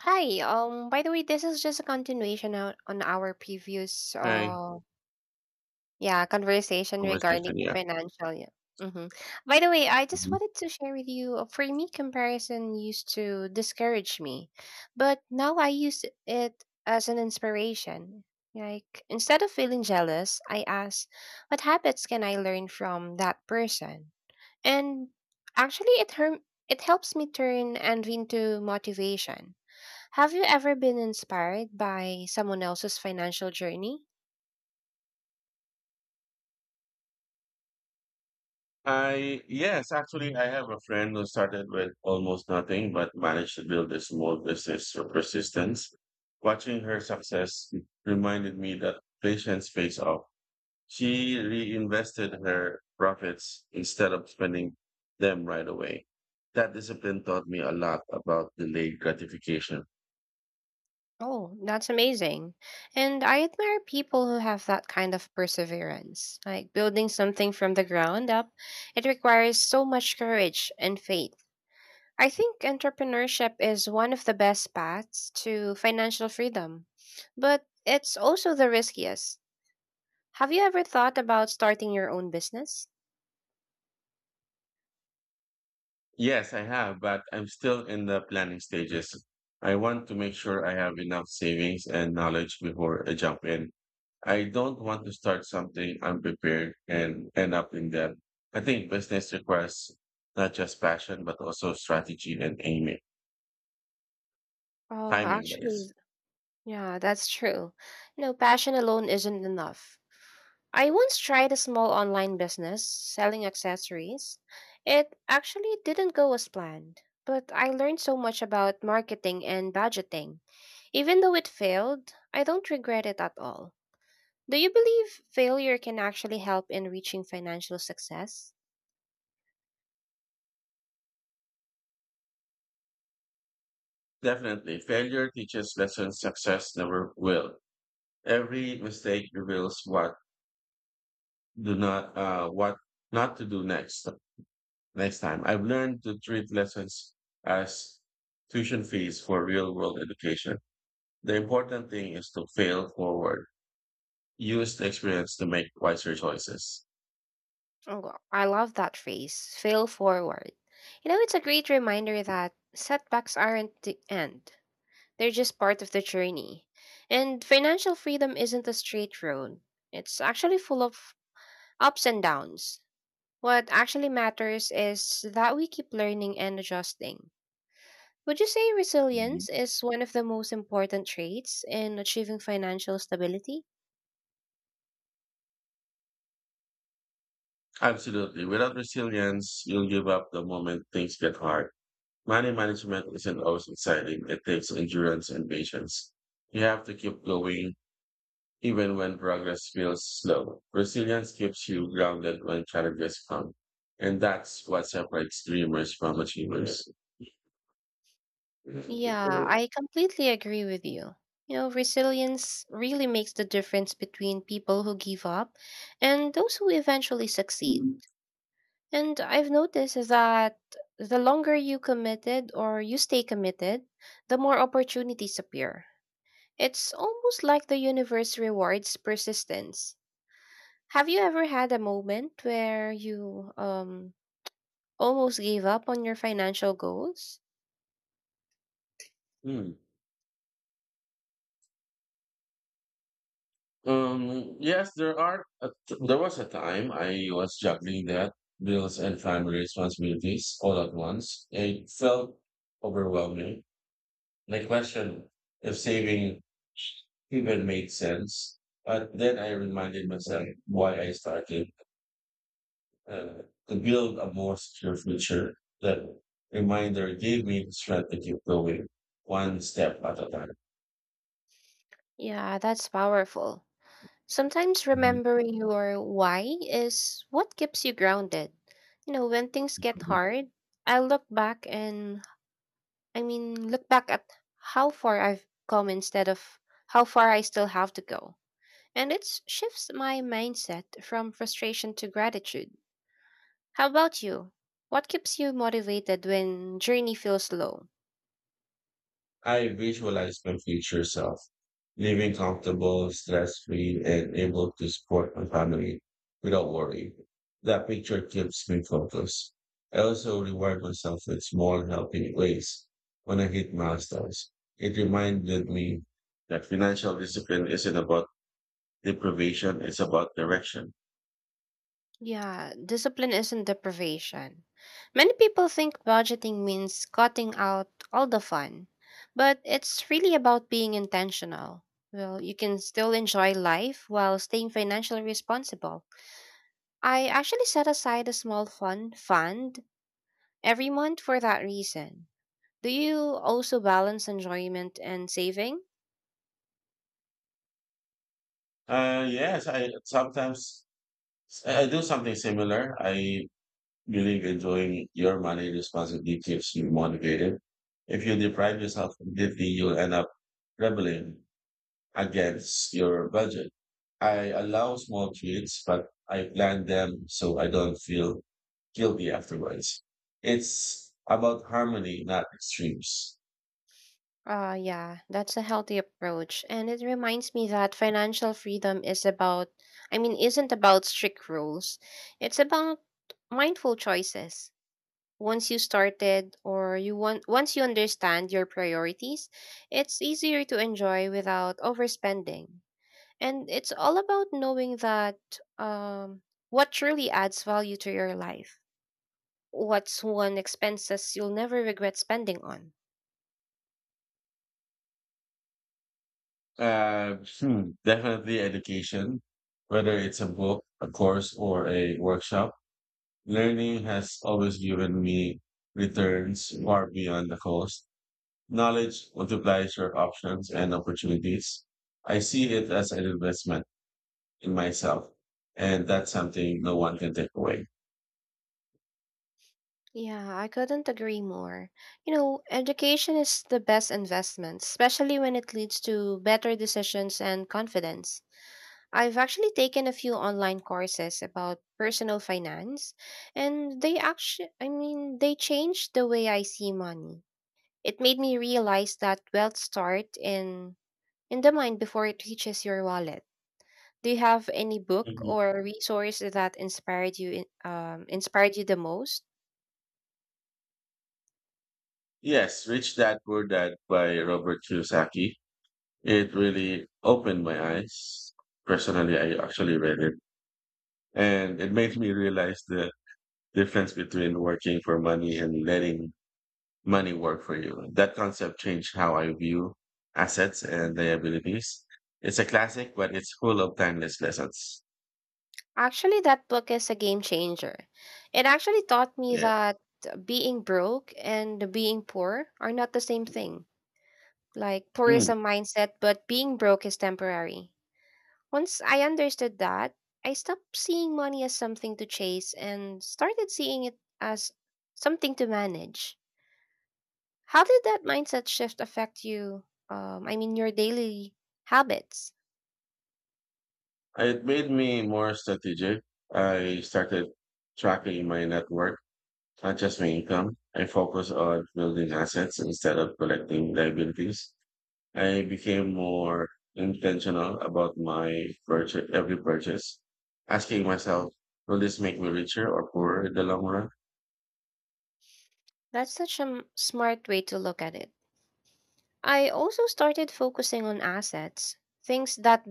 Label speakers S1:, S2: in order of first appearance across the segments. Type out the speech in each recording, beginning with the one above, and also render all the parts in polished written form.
S1: Hi. By the way, this is just a continuation on our previous
S2: Hi.
S1: yeah, conversation regarding
S2: Conversation,
S1: the
S2: yeah.
S1: financial. Yeah. Mm-hmm. By the way, I just
S2: Mhm.
S1: wanted to share with you, for me, comparison used to discourage me, but now I use it as an inspiration. Like, instead of feeling jealous, I ask, what habits can I learn from that person? And actually, it helps me turn envy into motivation. Have you ever been inspired by someone else's financial journey?
S2: I yes, actually, I have a friend who started with almost nothing but managed to build a small business through persistence. Watching her success reminded me that patience pays off. She reinvested her profits instead of spending them right away. That discipline taught me a lot about delayed gratification.
S1: Oh, that's amazing. And I admire people who have that kind of perseverance. Like building something from the ground up, it requires so much courage and faith. I think entrepreneurship is one of the best paths to financial freedom, but it's also the riskiest. Have you ever thought about starting your own business?
S2: Yes, I have, but I'm still in the planning stages. I want to make sure I have enough savings and knowledge before I jump in. I don't want to start something unprepared and end up in debt. I think business requires not just passion, but also strategy and aiming,
S1: Oh,
S2: timing that
S1: actually,
S2: is.
S1: yeah, that's true. You know, passion alone isn't enough. I once tried a small online business selling accessories. It actually didn't go as planned, but I learned so much about marketing and budgeting. Even though it failed, I don't regret it at all. Do you believe failure can actually help in reaching financial success?
S2: Definitely, failure teaches lessons success never will. Every mistake reveals what not to do next. Next time, I've learned to treat lessons as tuition fees for real world education. The important thing is to fail forward, use the experience to make wiser choices.
S1: I love that phrase, fail forward. You know, it's a great reminder that setbacks aren't the end. They're just part of the journey. And financial freedom isn't a straight road, it's actually full of ups and downs. What actually matters is that we keep learning and adjusting. Would you say
S2: Mhm.
S1: resilience is one of the most important traits in achieving financial stability?
S2: Absolutely. Without resilience, you'll give up the moment things get hard. Money management isn't always exciting. It takes endurance and patience. You have to keep going. Even when progress feels slow, resilience keeps you grounded when challenges come. And that's what separates dreamers from achievers.
S1: Yeah, I completely agree with you. You know, resilience really makes the difference between people who give up and those who eventually succeed. And I've noticed that the longer you committed or you stay committed, the more opportunities appear. It's almost like the universe rewards persistence. Have you ever had a moment where you almost gave up on your financial goals?
S2: Hmm. Yes, there are. There was a time I was juggling that bills and family responsibilities all at once. It felt overwhelming. And I questioned if saving even made sense. But then I reminded myself why I started uh, to build a more secure future. That reminder gave me the strength to keep going one step at a time.
S1: Yeah, that's powerful. Sometimes
S2: Mhm.
S1: remembering your why is what keeps you grounded. You know, when things get
S2: Mhm.
S1: hard, I look back and look back at how far I've come instead of how far I still have to go. And it shifts my mindset from frustration to gratitude. How about you? What keeps you motivated when journey feels low?
S2: I visualize my future self living comfortable, stress free, and able to support my family without worry. That picture keeps me focused. I also reward myself with small healthy ways when I hit milestones. It reminded me that financial discipline isn't about deprivation, it's about direction.
S1: Yeah, discipline isn't deprivation. Many people think budgeting means cutting out all the fun, but it's really about being intentional. Well, you can still enjoy life while staying financially responsible. I actually set aside a small fun fund every month for that reason. Do you also balance enjoyment and saving?
S2: Yes, I sometimes I do something similar. I believe enjoying your money responsibly keeps you motivated. If you deprive yourself completely, you'll end up rebelling against your budget. I allow small treats, but I plan them so I don't feel guilty afterwards. It's about harmony, not extremes.
S1: Yeah, that's a healthy approach and it reminds me that financial freedom is about isn't about strict rules. It's about mindful choices. Once you understand your priorities, it's easier to enjoy without overspending. And it's all about knowing that um, what truly adds value to your life. What's one expenses you'll never regret spending on?
S2: Definitely education, whether it's a book, a course, or a workshop. Learning has always given me returns far beyond the cost. Knowledge multiplies your options and opportunities. I see it as an investment in myself, and that's something no one can take away.
S1: Yeah, I couldn't agree more. You know, education is the best investment, especially when it leads to better decisions and confidence. I've actually taken a few online courses about personal finance, and they actually, they changed the way I see money. It made me realize that wealth start in the mind before it reaches your wallet. Do you have any book
S2: Mhm.
S1: or resource that inspired you, inspired you the most?
S2: Yes, Rich Dad Poor Dad by Robert Kiyosaki. It really opened my eyes. Personally, I actually read it, and it made me realize the difference between working for money and letting money work for you. That concept changed how I view assets and
S1: Mhm.
S2: liabilities. It's a classic, but it's full of timeless lessons.
S1: Actually, that book is a game changer. It actually taught me
S2: Yeah.
S1: that being broke and being poor are not the same thing. Like, poor is
S2: Hmm.
S1: a mindset, but being broke is temporary. Once I understood that, I stopped seeing money as something to chase and started seeing it as something to manage. How did that mindset shift affect you? Your daily habits.
S2: It made me more strategic. I started tracking my net worth, not just my income. I focused on building assets instead of collecting liabilities. I became more intentional about my purchase, every purchase, asking myself, will this make me richer or poorer in the long run?
S1: That's such a smart way to look at it. I also started focusing on assets, things that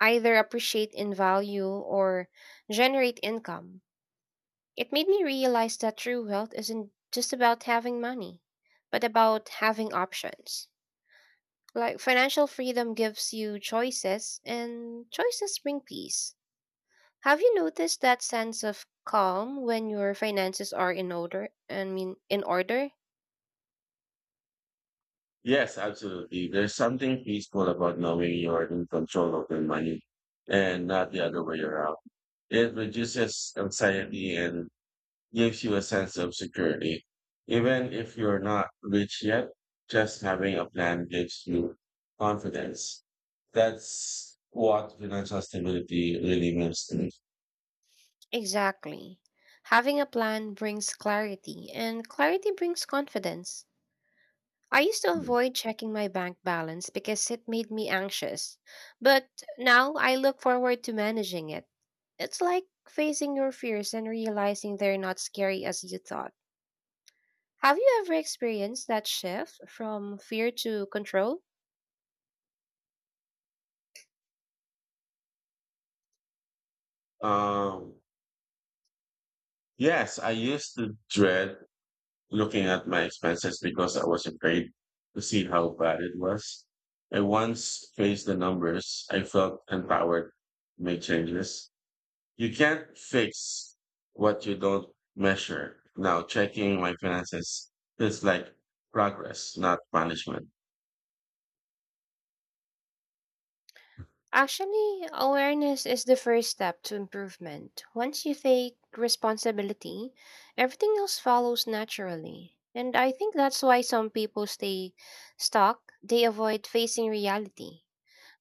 S1: either appreciate in value or generate income. It made me realize that true wealth isn't just about having money, but about having options. Like financial freedom gives you choices, and choices bring peace. Have you noticed that sense of calm when your finances are in in order?
S2: Yes, absolutely. There's something peaceful about knowing you're in control of the money and not the other way around. It reduces anxiety and gives you a sense of security. Even if you're not rich yet, just having a plan gives you confidence. That's what financial stability really means to me.
S1: Exactly. Having a plan brings clarity, and clarity brings confidence. I used to avoid checking my bank balance because it made me anxious, but now I look forward to managing it. It's like facing your fears and realizing they're not scary as you thought. Have you ever experienced that shift from fear to control?
S2: Um, yes, I used to dread looking at my expenses because I was afraid to see how bad it was. I once faced the numbers, I felt empowered to make changes. You can't fix what you don't measure. Now, checking my finances feels like progress, not punishment.
S1: Actually, awareness is the first step to improvement. Once you take responsibility, everything else follows naturally. And I think that's why some people stay stuck, they avoid facing reality.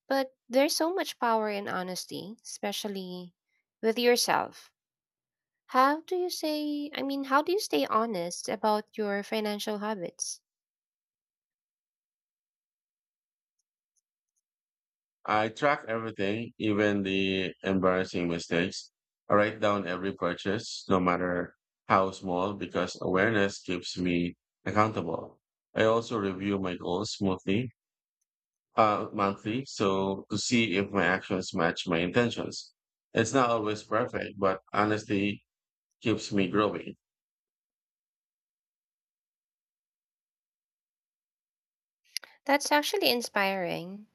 S1: But there's so much power in honesty, especially with yourself. How do you stay honest about your financial habits?
S2: I track everything, even the embarrassing mistakes. I write down every purchase, no matter how small, because awareness keeps me accountable. I also review my goals monthly, so to see if my actions match my intentions. It's not always perfect, but honesty keeps me growing.
S1: That's actually inspiring.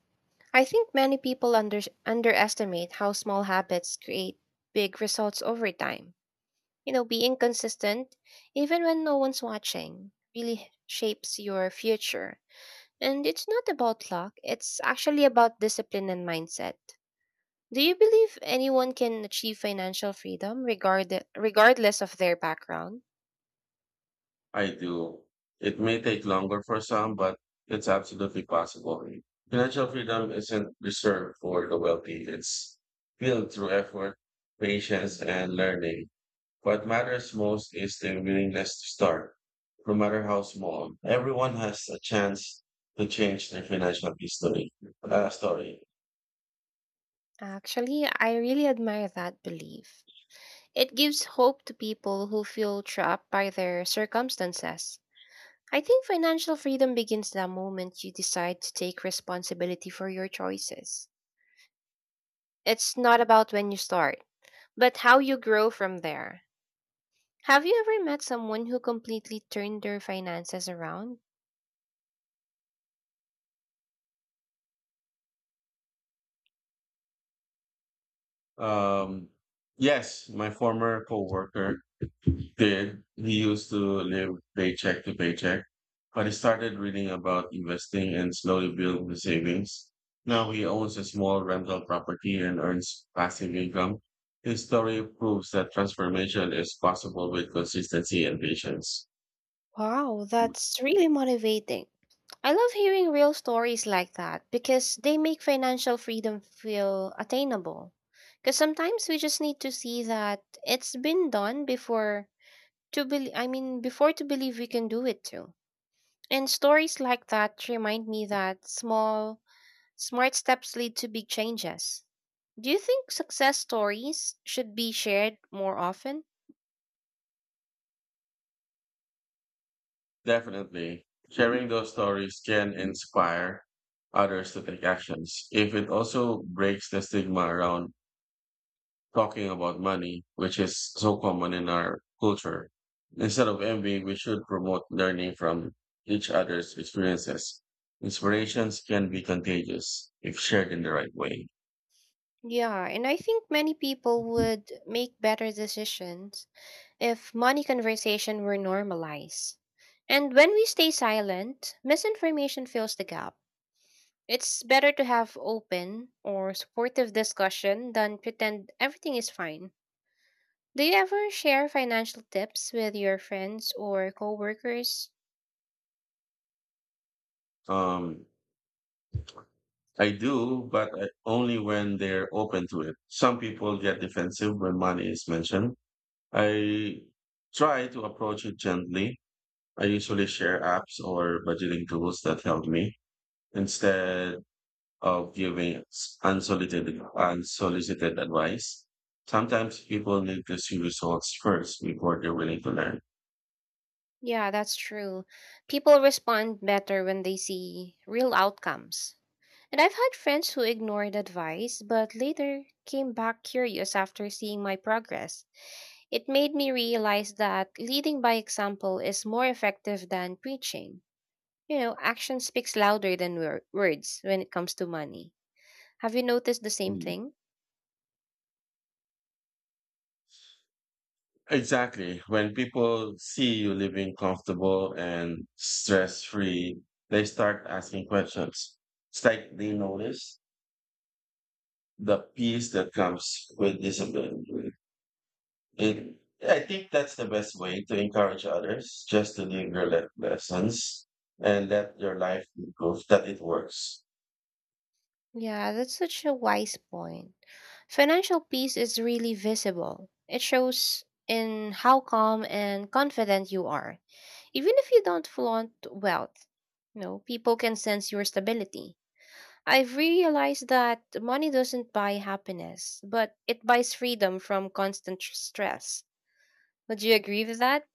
S1: I think many people underestimate how small habits create big results over time. You know, being consistent, even when no one's watching, really shapes your future. And it's not about luck, it's actually about discipline and mindset. Do you believe anyone can achieve financial freedom regardless of their background?
S2: I do. It may take longer for some, but it's absolutely possible. Financial freedom isn't reserved for the wealthy. It's built through effort,
S1: Mm.
S2: patience, and learning. What matters most is the willingness to start, no matter how small. Everyone has a chance to change their financial history, story.
S1: Actually, I really admire that belief. It gives hope to people who feel trapped by their circumstances. I think financial freedom begins the moment you decide to take responsibility for your choices. It's not about when you start, but how you grow from there. Have you ever met someone who completely turned their finances around?
S2: Um, yes, my former coworker did. He used to live paycheck to paycheck, but he started reading about investing and slowly built the savings. Now he owns a small rental property and earns passive income. His story proves that transformation is possible with consistency and patience.
S1: Wow, that's really motivating. I love hearing real stories like that because they make financial freedom feel attainable. Because sometimes we just need to see that it's been done before to believe we can do it too. And stories like that remind me that small, smart steps lead to big changes. Do you think success stories should be shared more often?
S2: Definitely, sharing those stories can inspire others to take actions. If it also breaks the stigma around talking about money, which is so common in our culture. Instead of envy, we should promote learning from each other's experiences. Inspirations can be contagious if shared in the right way.
S1: Yeah, and I think many people would make better decisions if money conversation were normalized. And when we stay silent, misinformation fills the gap. It's better to have open or supportive discussion than pretend everything is fine. Do you ever share financial tips with your friends or coworkers?
S2: Um, I do, but only when they're open to it. Some people get defensive when money is mentioned. I try to approach it gently. I usually share apps or budgeting tools that help me instead of giving unsolicited advice. Sometimes people need to see results first before they're willing to learn.
S1: Yeah, that's true. People respond better when they see real outcomes. And I've had friends who ignored advice but later came back curious after seeing my progress. It made me realize that leading by example is more effective than preaching. You know, action speaks louder than words when it comes to money. Have you noticed the same
S2: Mm.
S1: thing?
S2: Exactly. When people see you living comfortable and stress free, they start asking questions. It's like they notice the peace that comes with discipline. It, I think that's the best way to encourage others just to live your lessons and let your life prove that it works.
S1: Yeah, that's such a wise point. Financial peace is really visible. It shows in how calm and confident you are. Even if you don't flaunt wealth, you know, people can sense your stability. I've realized that money doesn't buy happiness, but it buys freedom from constant stress. Would you agree with that?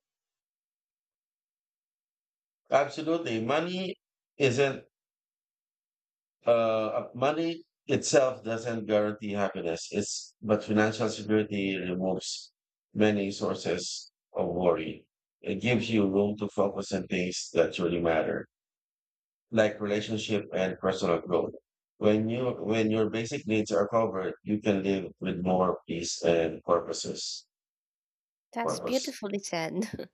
S2: Absolutely. Isn't, Money itself doesn't guarantee happiness. But financial security removes many sources of worry. It gives
S1: Mm,
S2: you room to focus on things that truly matter, like relationship and personal growth. When your basic needs are covered, you can live with more peace and
S1: that's
S2: purpose.
S1: beautifully said.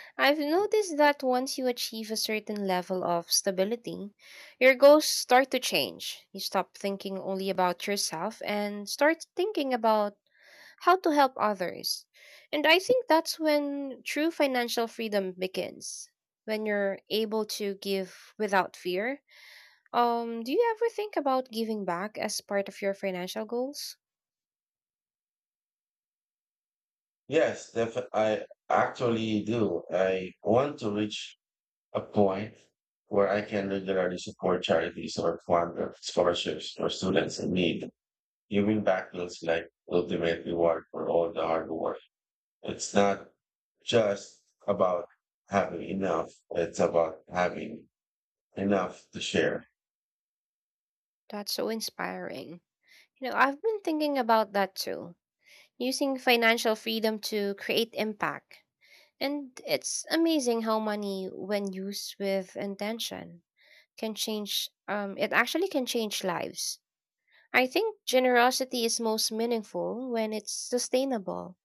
S1: I've noticed that once you achieve a certain level of stability, your goals start to change. You stop thinking only about yourself and start thinking about how to help others. And I think that's when true financial freedom begins, when you're able to give without fear. Do you ever think about giving back as part of your financial goals?
S2: Yes, I actually do. I want to reach a point where I can regularly support charities or fund scholarships for students in need. Giving back feels like ultimate reward for all the hard work. It's not just about having enough, it's about having enough to share.
S1: That's so inspiring. You know, I've been thinking about that too using financial freedom to create impact. And it's amazing how money, when used with intention, can it actually can change lives. I think generosity is most meaningful when it's sustainable,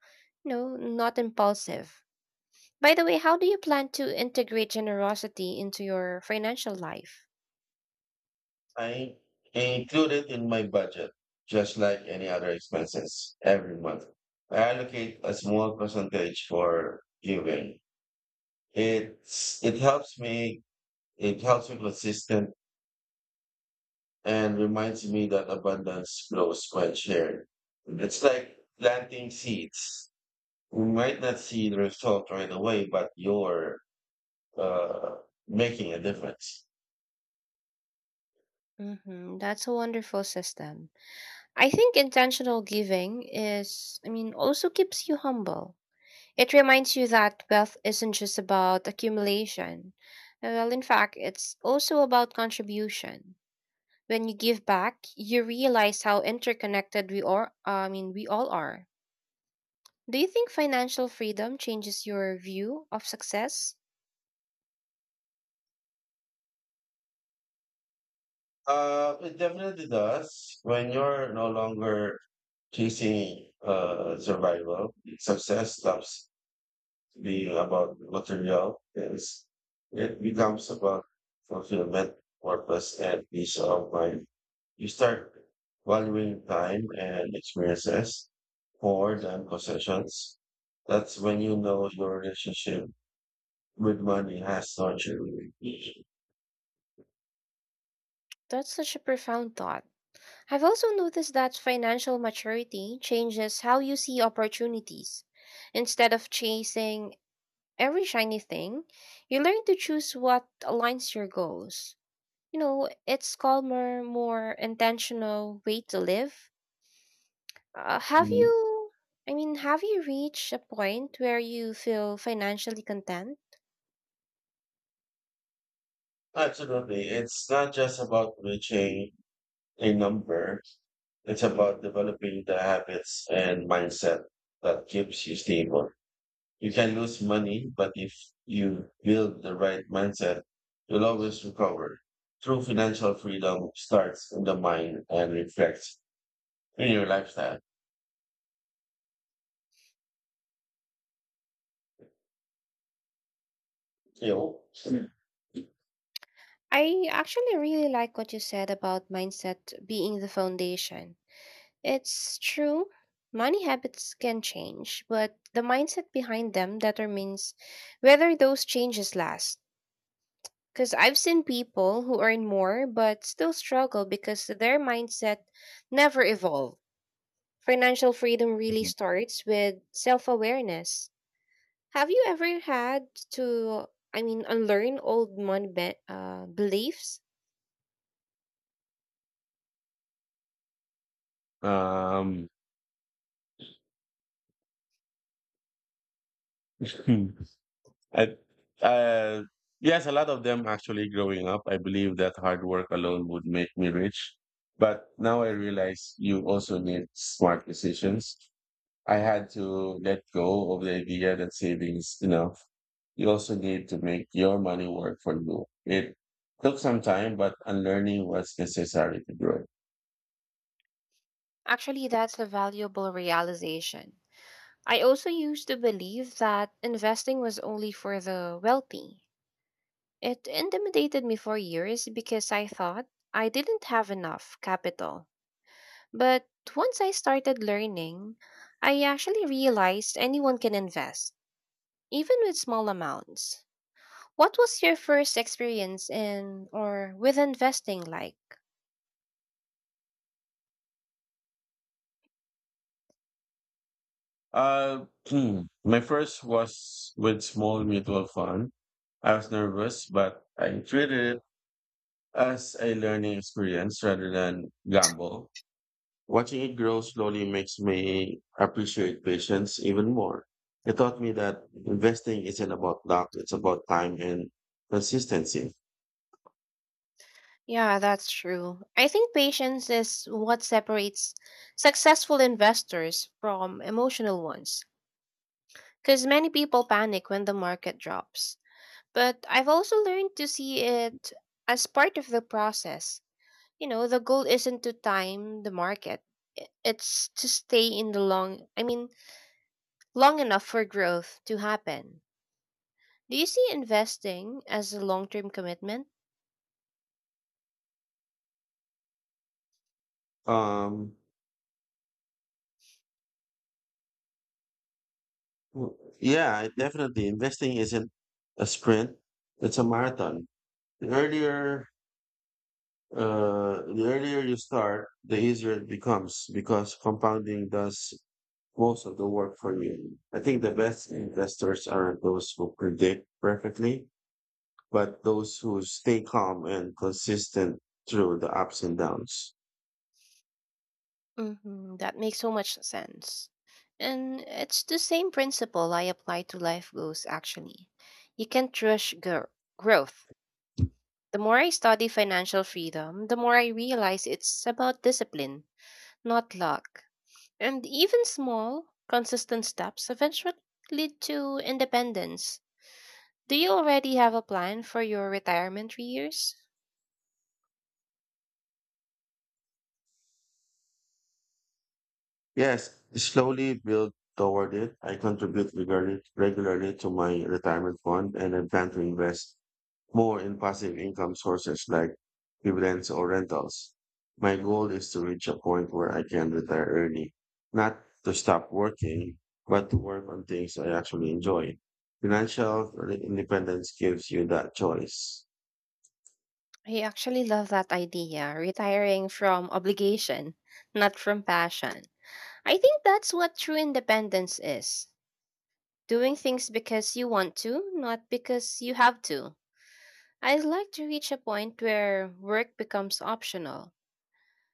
S1: you know, not impulsive. By the way, how do you plan to integrate generosity into your financial life?
S2: I include it in my budget, just like any other expenses every month. I allocate a small percentage for giving. It's it helps me it helps me consistent and reminds me that abundance grows when shared. It's like planting seeds. You might not see the result right away, but you're uh, making a difference.
S1: Mm-hmm, that's a wonderful system. I think intentional giving is, I mean, also keeps you humble. It reminds you that wealth isn't just about accumulation. Well, in fact, it's also about contribution. When you give back, you realize how interconnected we all are. Do you think financial freedom changes your view of success?
S2: It definitely does. When you're no longer chasing survival, success stops be about material is, it becomes about fulfillment, purpose, and peace of mind. You start valuing time and experiences more than possessions. That's when you know your relationship with money has nurtured you.
S1: That's such a profound thought. I've also noticed that financial maturity changes how you see opportunities. Instead of chasing every shiny thing, you learn to choose what aligns your goals. You know, it's calmer, more intentional way to live. Uh, have
S2: Mhm.
S1: you, have you reached a point where you feel financially content?
S2: Absolutely. It's not just about reaching a number, it's about developing the habits and mindset that keeps you stable. You can lose money, but if you build the right mindset, you'll always recover. True financial freedom starts in the mind and reflects in your lifestyle. You know?
S1: I actually really like what you said about mindset being the foundation. It's true, money habits can change, but the mindset behind them determines whether those changes last. Because I've seen people who earn more but still struggle because their mindset never evolved. Financial freedom really starts with self awareness. Have you ever had to, I mean, unlearn old money beliefs?
S2: Um, hmm. I, uh, yes, a lot of them actually growing up, I believe that hard work alone would make me rich. But now I realize you also need smart decisions. I had to let go of the idea that savings. You also need to make your money work for you. It took some time, but unlearning was necessary to grow.
S1: Actually, that's a valuable realization. I also used to believe that investing was only for the wealthy. It intimidated me for years because I thought I didn't have enough capital. But once I started learning, I actually realized anyone can invest, even with small amounts. What was your first experience in or with investing like?
S2: My first was with small mutual fund. I was nervous, but I treated it as a learning experience rather than gamble. Watching it grow slowly makes me appreciate patience even more. It taught me that investing isn't about luck; it's about time and consistency.
S1: Yeah, that's true. I think patience is what separates successful investors from emotional ones, because many people panic when the market drops. But I've also learned to see it as part of the process. You know, the goal isn't to time the market. It's to stay in the long enough for growth to happen. Do you see investing as a long-term commitment?
S2: Um, Mm. Yeah, definitely. Investing isn't a sprint; it's a marathon. The earlier, the earlier you start, the easier it becomes because compounding does most of the work for you. I think the best investors are those who predict perfectly, but those who stay calm and consistent through the ups and downs.
S1: Hmm, that makes so much sense. And it's the same principle I apply to life goals, actually. You can't rush growth. The more I study financial freedom, the more I realize it's about discipline, not luck. And even small, consistent steps eventually lead to independence. Do you already have a plan for your retirement 3 years?
S2: Yes, slowly build toward it. I contribute regularly to my retirement fund and I plan to invest more in passive income sources like dividends or rentals. My goal is to reach a point where I can retire early, not to stop working, but to work on things I actually enjoy. Financial independence gives you that choice.
S1: I actually love that idea, retiring from obligation, not from passion. I think that's what true independence is doing things because you want to, not because you have to. I'd like to reach a point where work becomes optional.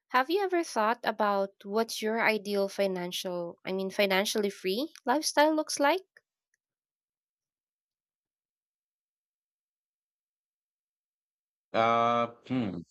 S1: Have you ever thought about what your ideal financially free lifestyle looks like?
S2: Uh, hmm.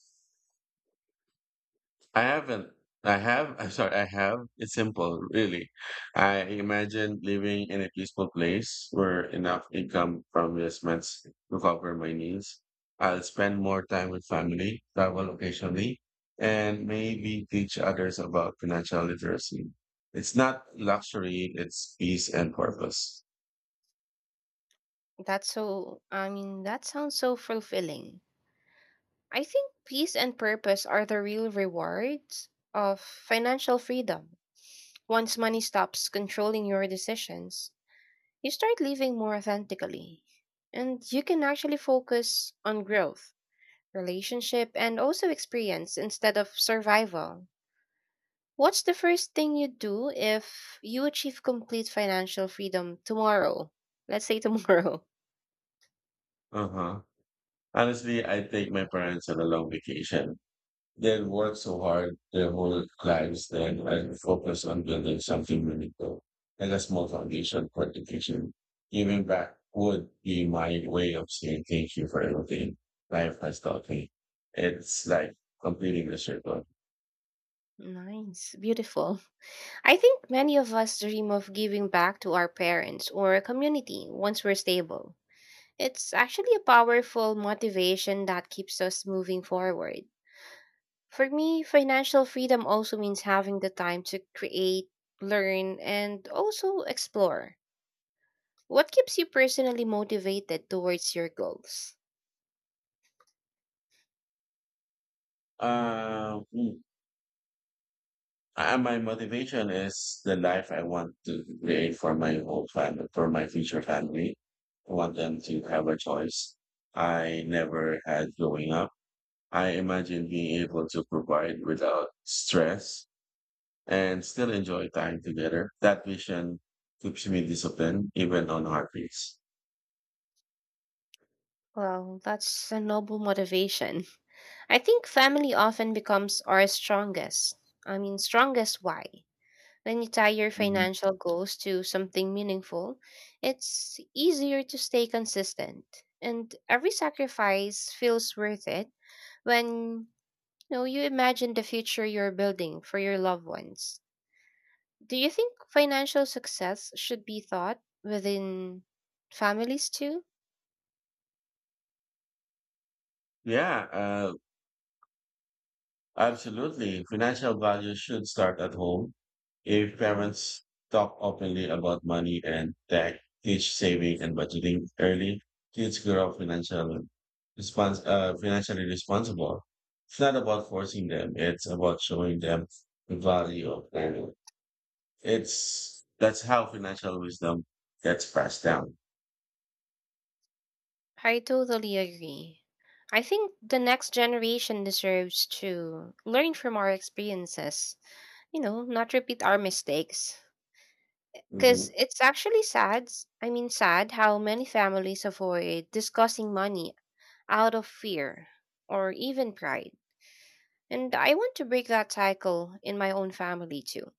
S2: I haven't. I have. I'm sorry. I have. It's simple, really. I imagine living in a peaceful place where enough income from investments to cover my needs. I'll spend more time with family, travel occasionally, and maybe teach others about financial literacy. It's not luxury, it's peace and purpose.
S1: That sounds so fulfilling. I think peace and purpose are the real rewards of financial freedom. Once money stops controlling your decisions, you start living more authentically. And you can actually focus on growth, relationship, and also experience instead of survival. What's the first thing you do if you achieve complete financial freedom tomorrow? Let's say tomorrow.
S2: Uh-huh. Honestly, I take my parents on a long vacation. They work so hard their whole lives that I focus on building something meaningful and a small foundation for education. Giving back would be my way of saying thank you for everything life has taught me. It's like completing the circle.
S1: Nice, beautiful. I think many of us dream of giving back to our parents or a community once we're stable. It's actually a powerful motivation that keeps us moving forward. For me, financial freedom also means having the time to create, learn, and also explore. What keeps you personally motivated towards your goals?
S2: Uh, mm, my motivation is the life I want to create for my whole family, for my future family. I want them to have a choice I never had growing up. I imagine being able to provide without stress and still enjoy time together. That vision keeps me disciplined even on hard days.
S1: Well, that's a noble motivation. I think family often becomes our strongest why. When you tie your
S2: Mhm.
S1: financial goals to something meaningful, it's easier to stay consistent. And every sacrifice feels worth it when No, you imagine the future you're building for your loved ones. Do you think financial success should be thought within families too?
S2: Yeah, absolutely. Financial value should start at home. If parents talk openly about money and tech, teach saving and budgeting early, kids grow up financially responsible. It's not about forcing them. It's about showing them the value of planning. It's that's how financial wisdom gets passed down.
S1: I totally agree. I think the next generation deserves to learn from our experiences, you know, not repeat our mistakes.
S2: hmm
S1: Because it's actually sad, s- I mean, sad how many families avoid discussing money out of fear or even pride. And I want to break that cycle in my own family too.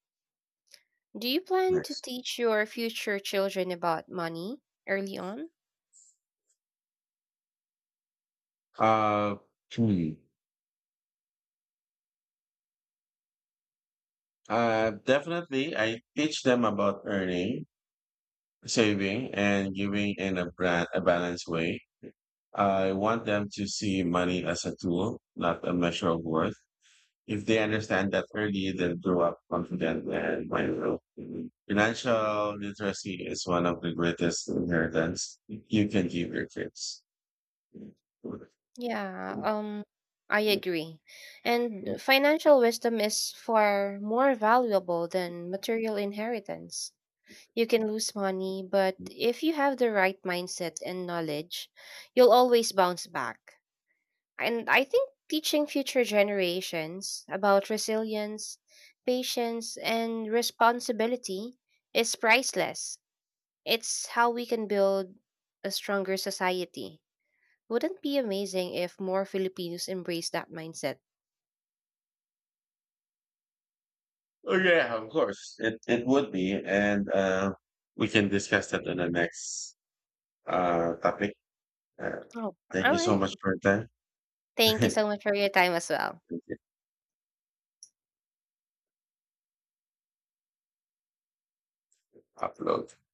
S1: Do you plan to
S2: Nice.
S1: teach your future children about money early on?
S2: Uh, hmm. Definitely, I teach them about earning, saving, and giving in a balanced way. I want them to see money as a tool, not a measure of worth. If they understand that early, they'll grow up confident and mindful. Mhm. Financial literacy is one of the greatest inheritance you can give your kids.
S1: Yeah, I agree. And financial wisdom is far more valuable than material inheritance. You can lose money, but if you have the right mindset and knowledge, you'll always bounce back. And I think teaching future generations about resilience, patience, and responsibility is priceless. It's how we can build a stronger society. Wouldn't it be amazing if more Filipinos embrace that mindset?
S2: Oh yeah, of course. It would be, and we can discuss that in the next topic. Uh,
S1: Oh,
S2: thank
S1: all
S2: you so
S1: right.
S2: much for your time.
S1: Thank you so much for your time as well.
S2: Upload.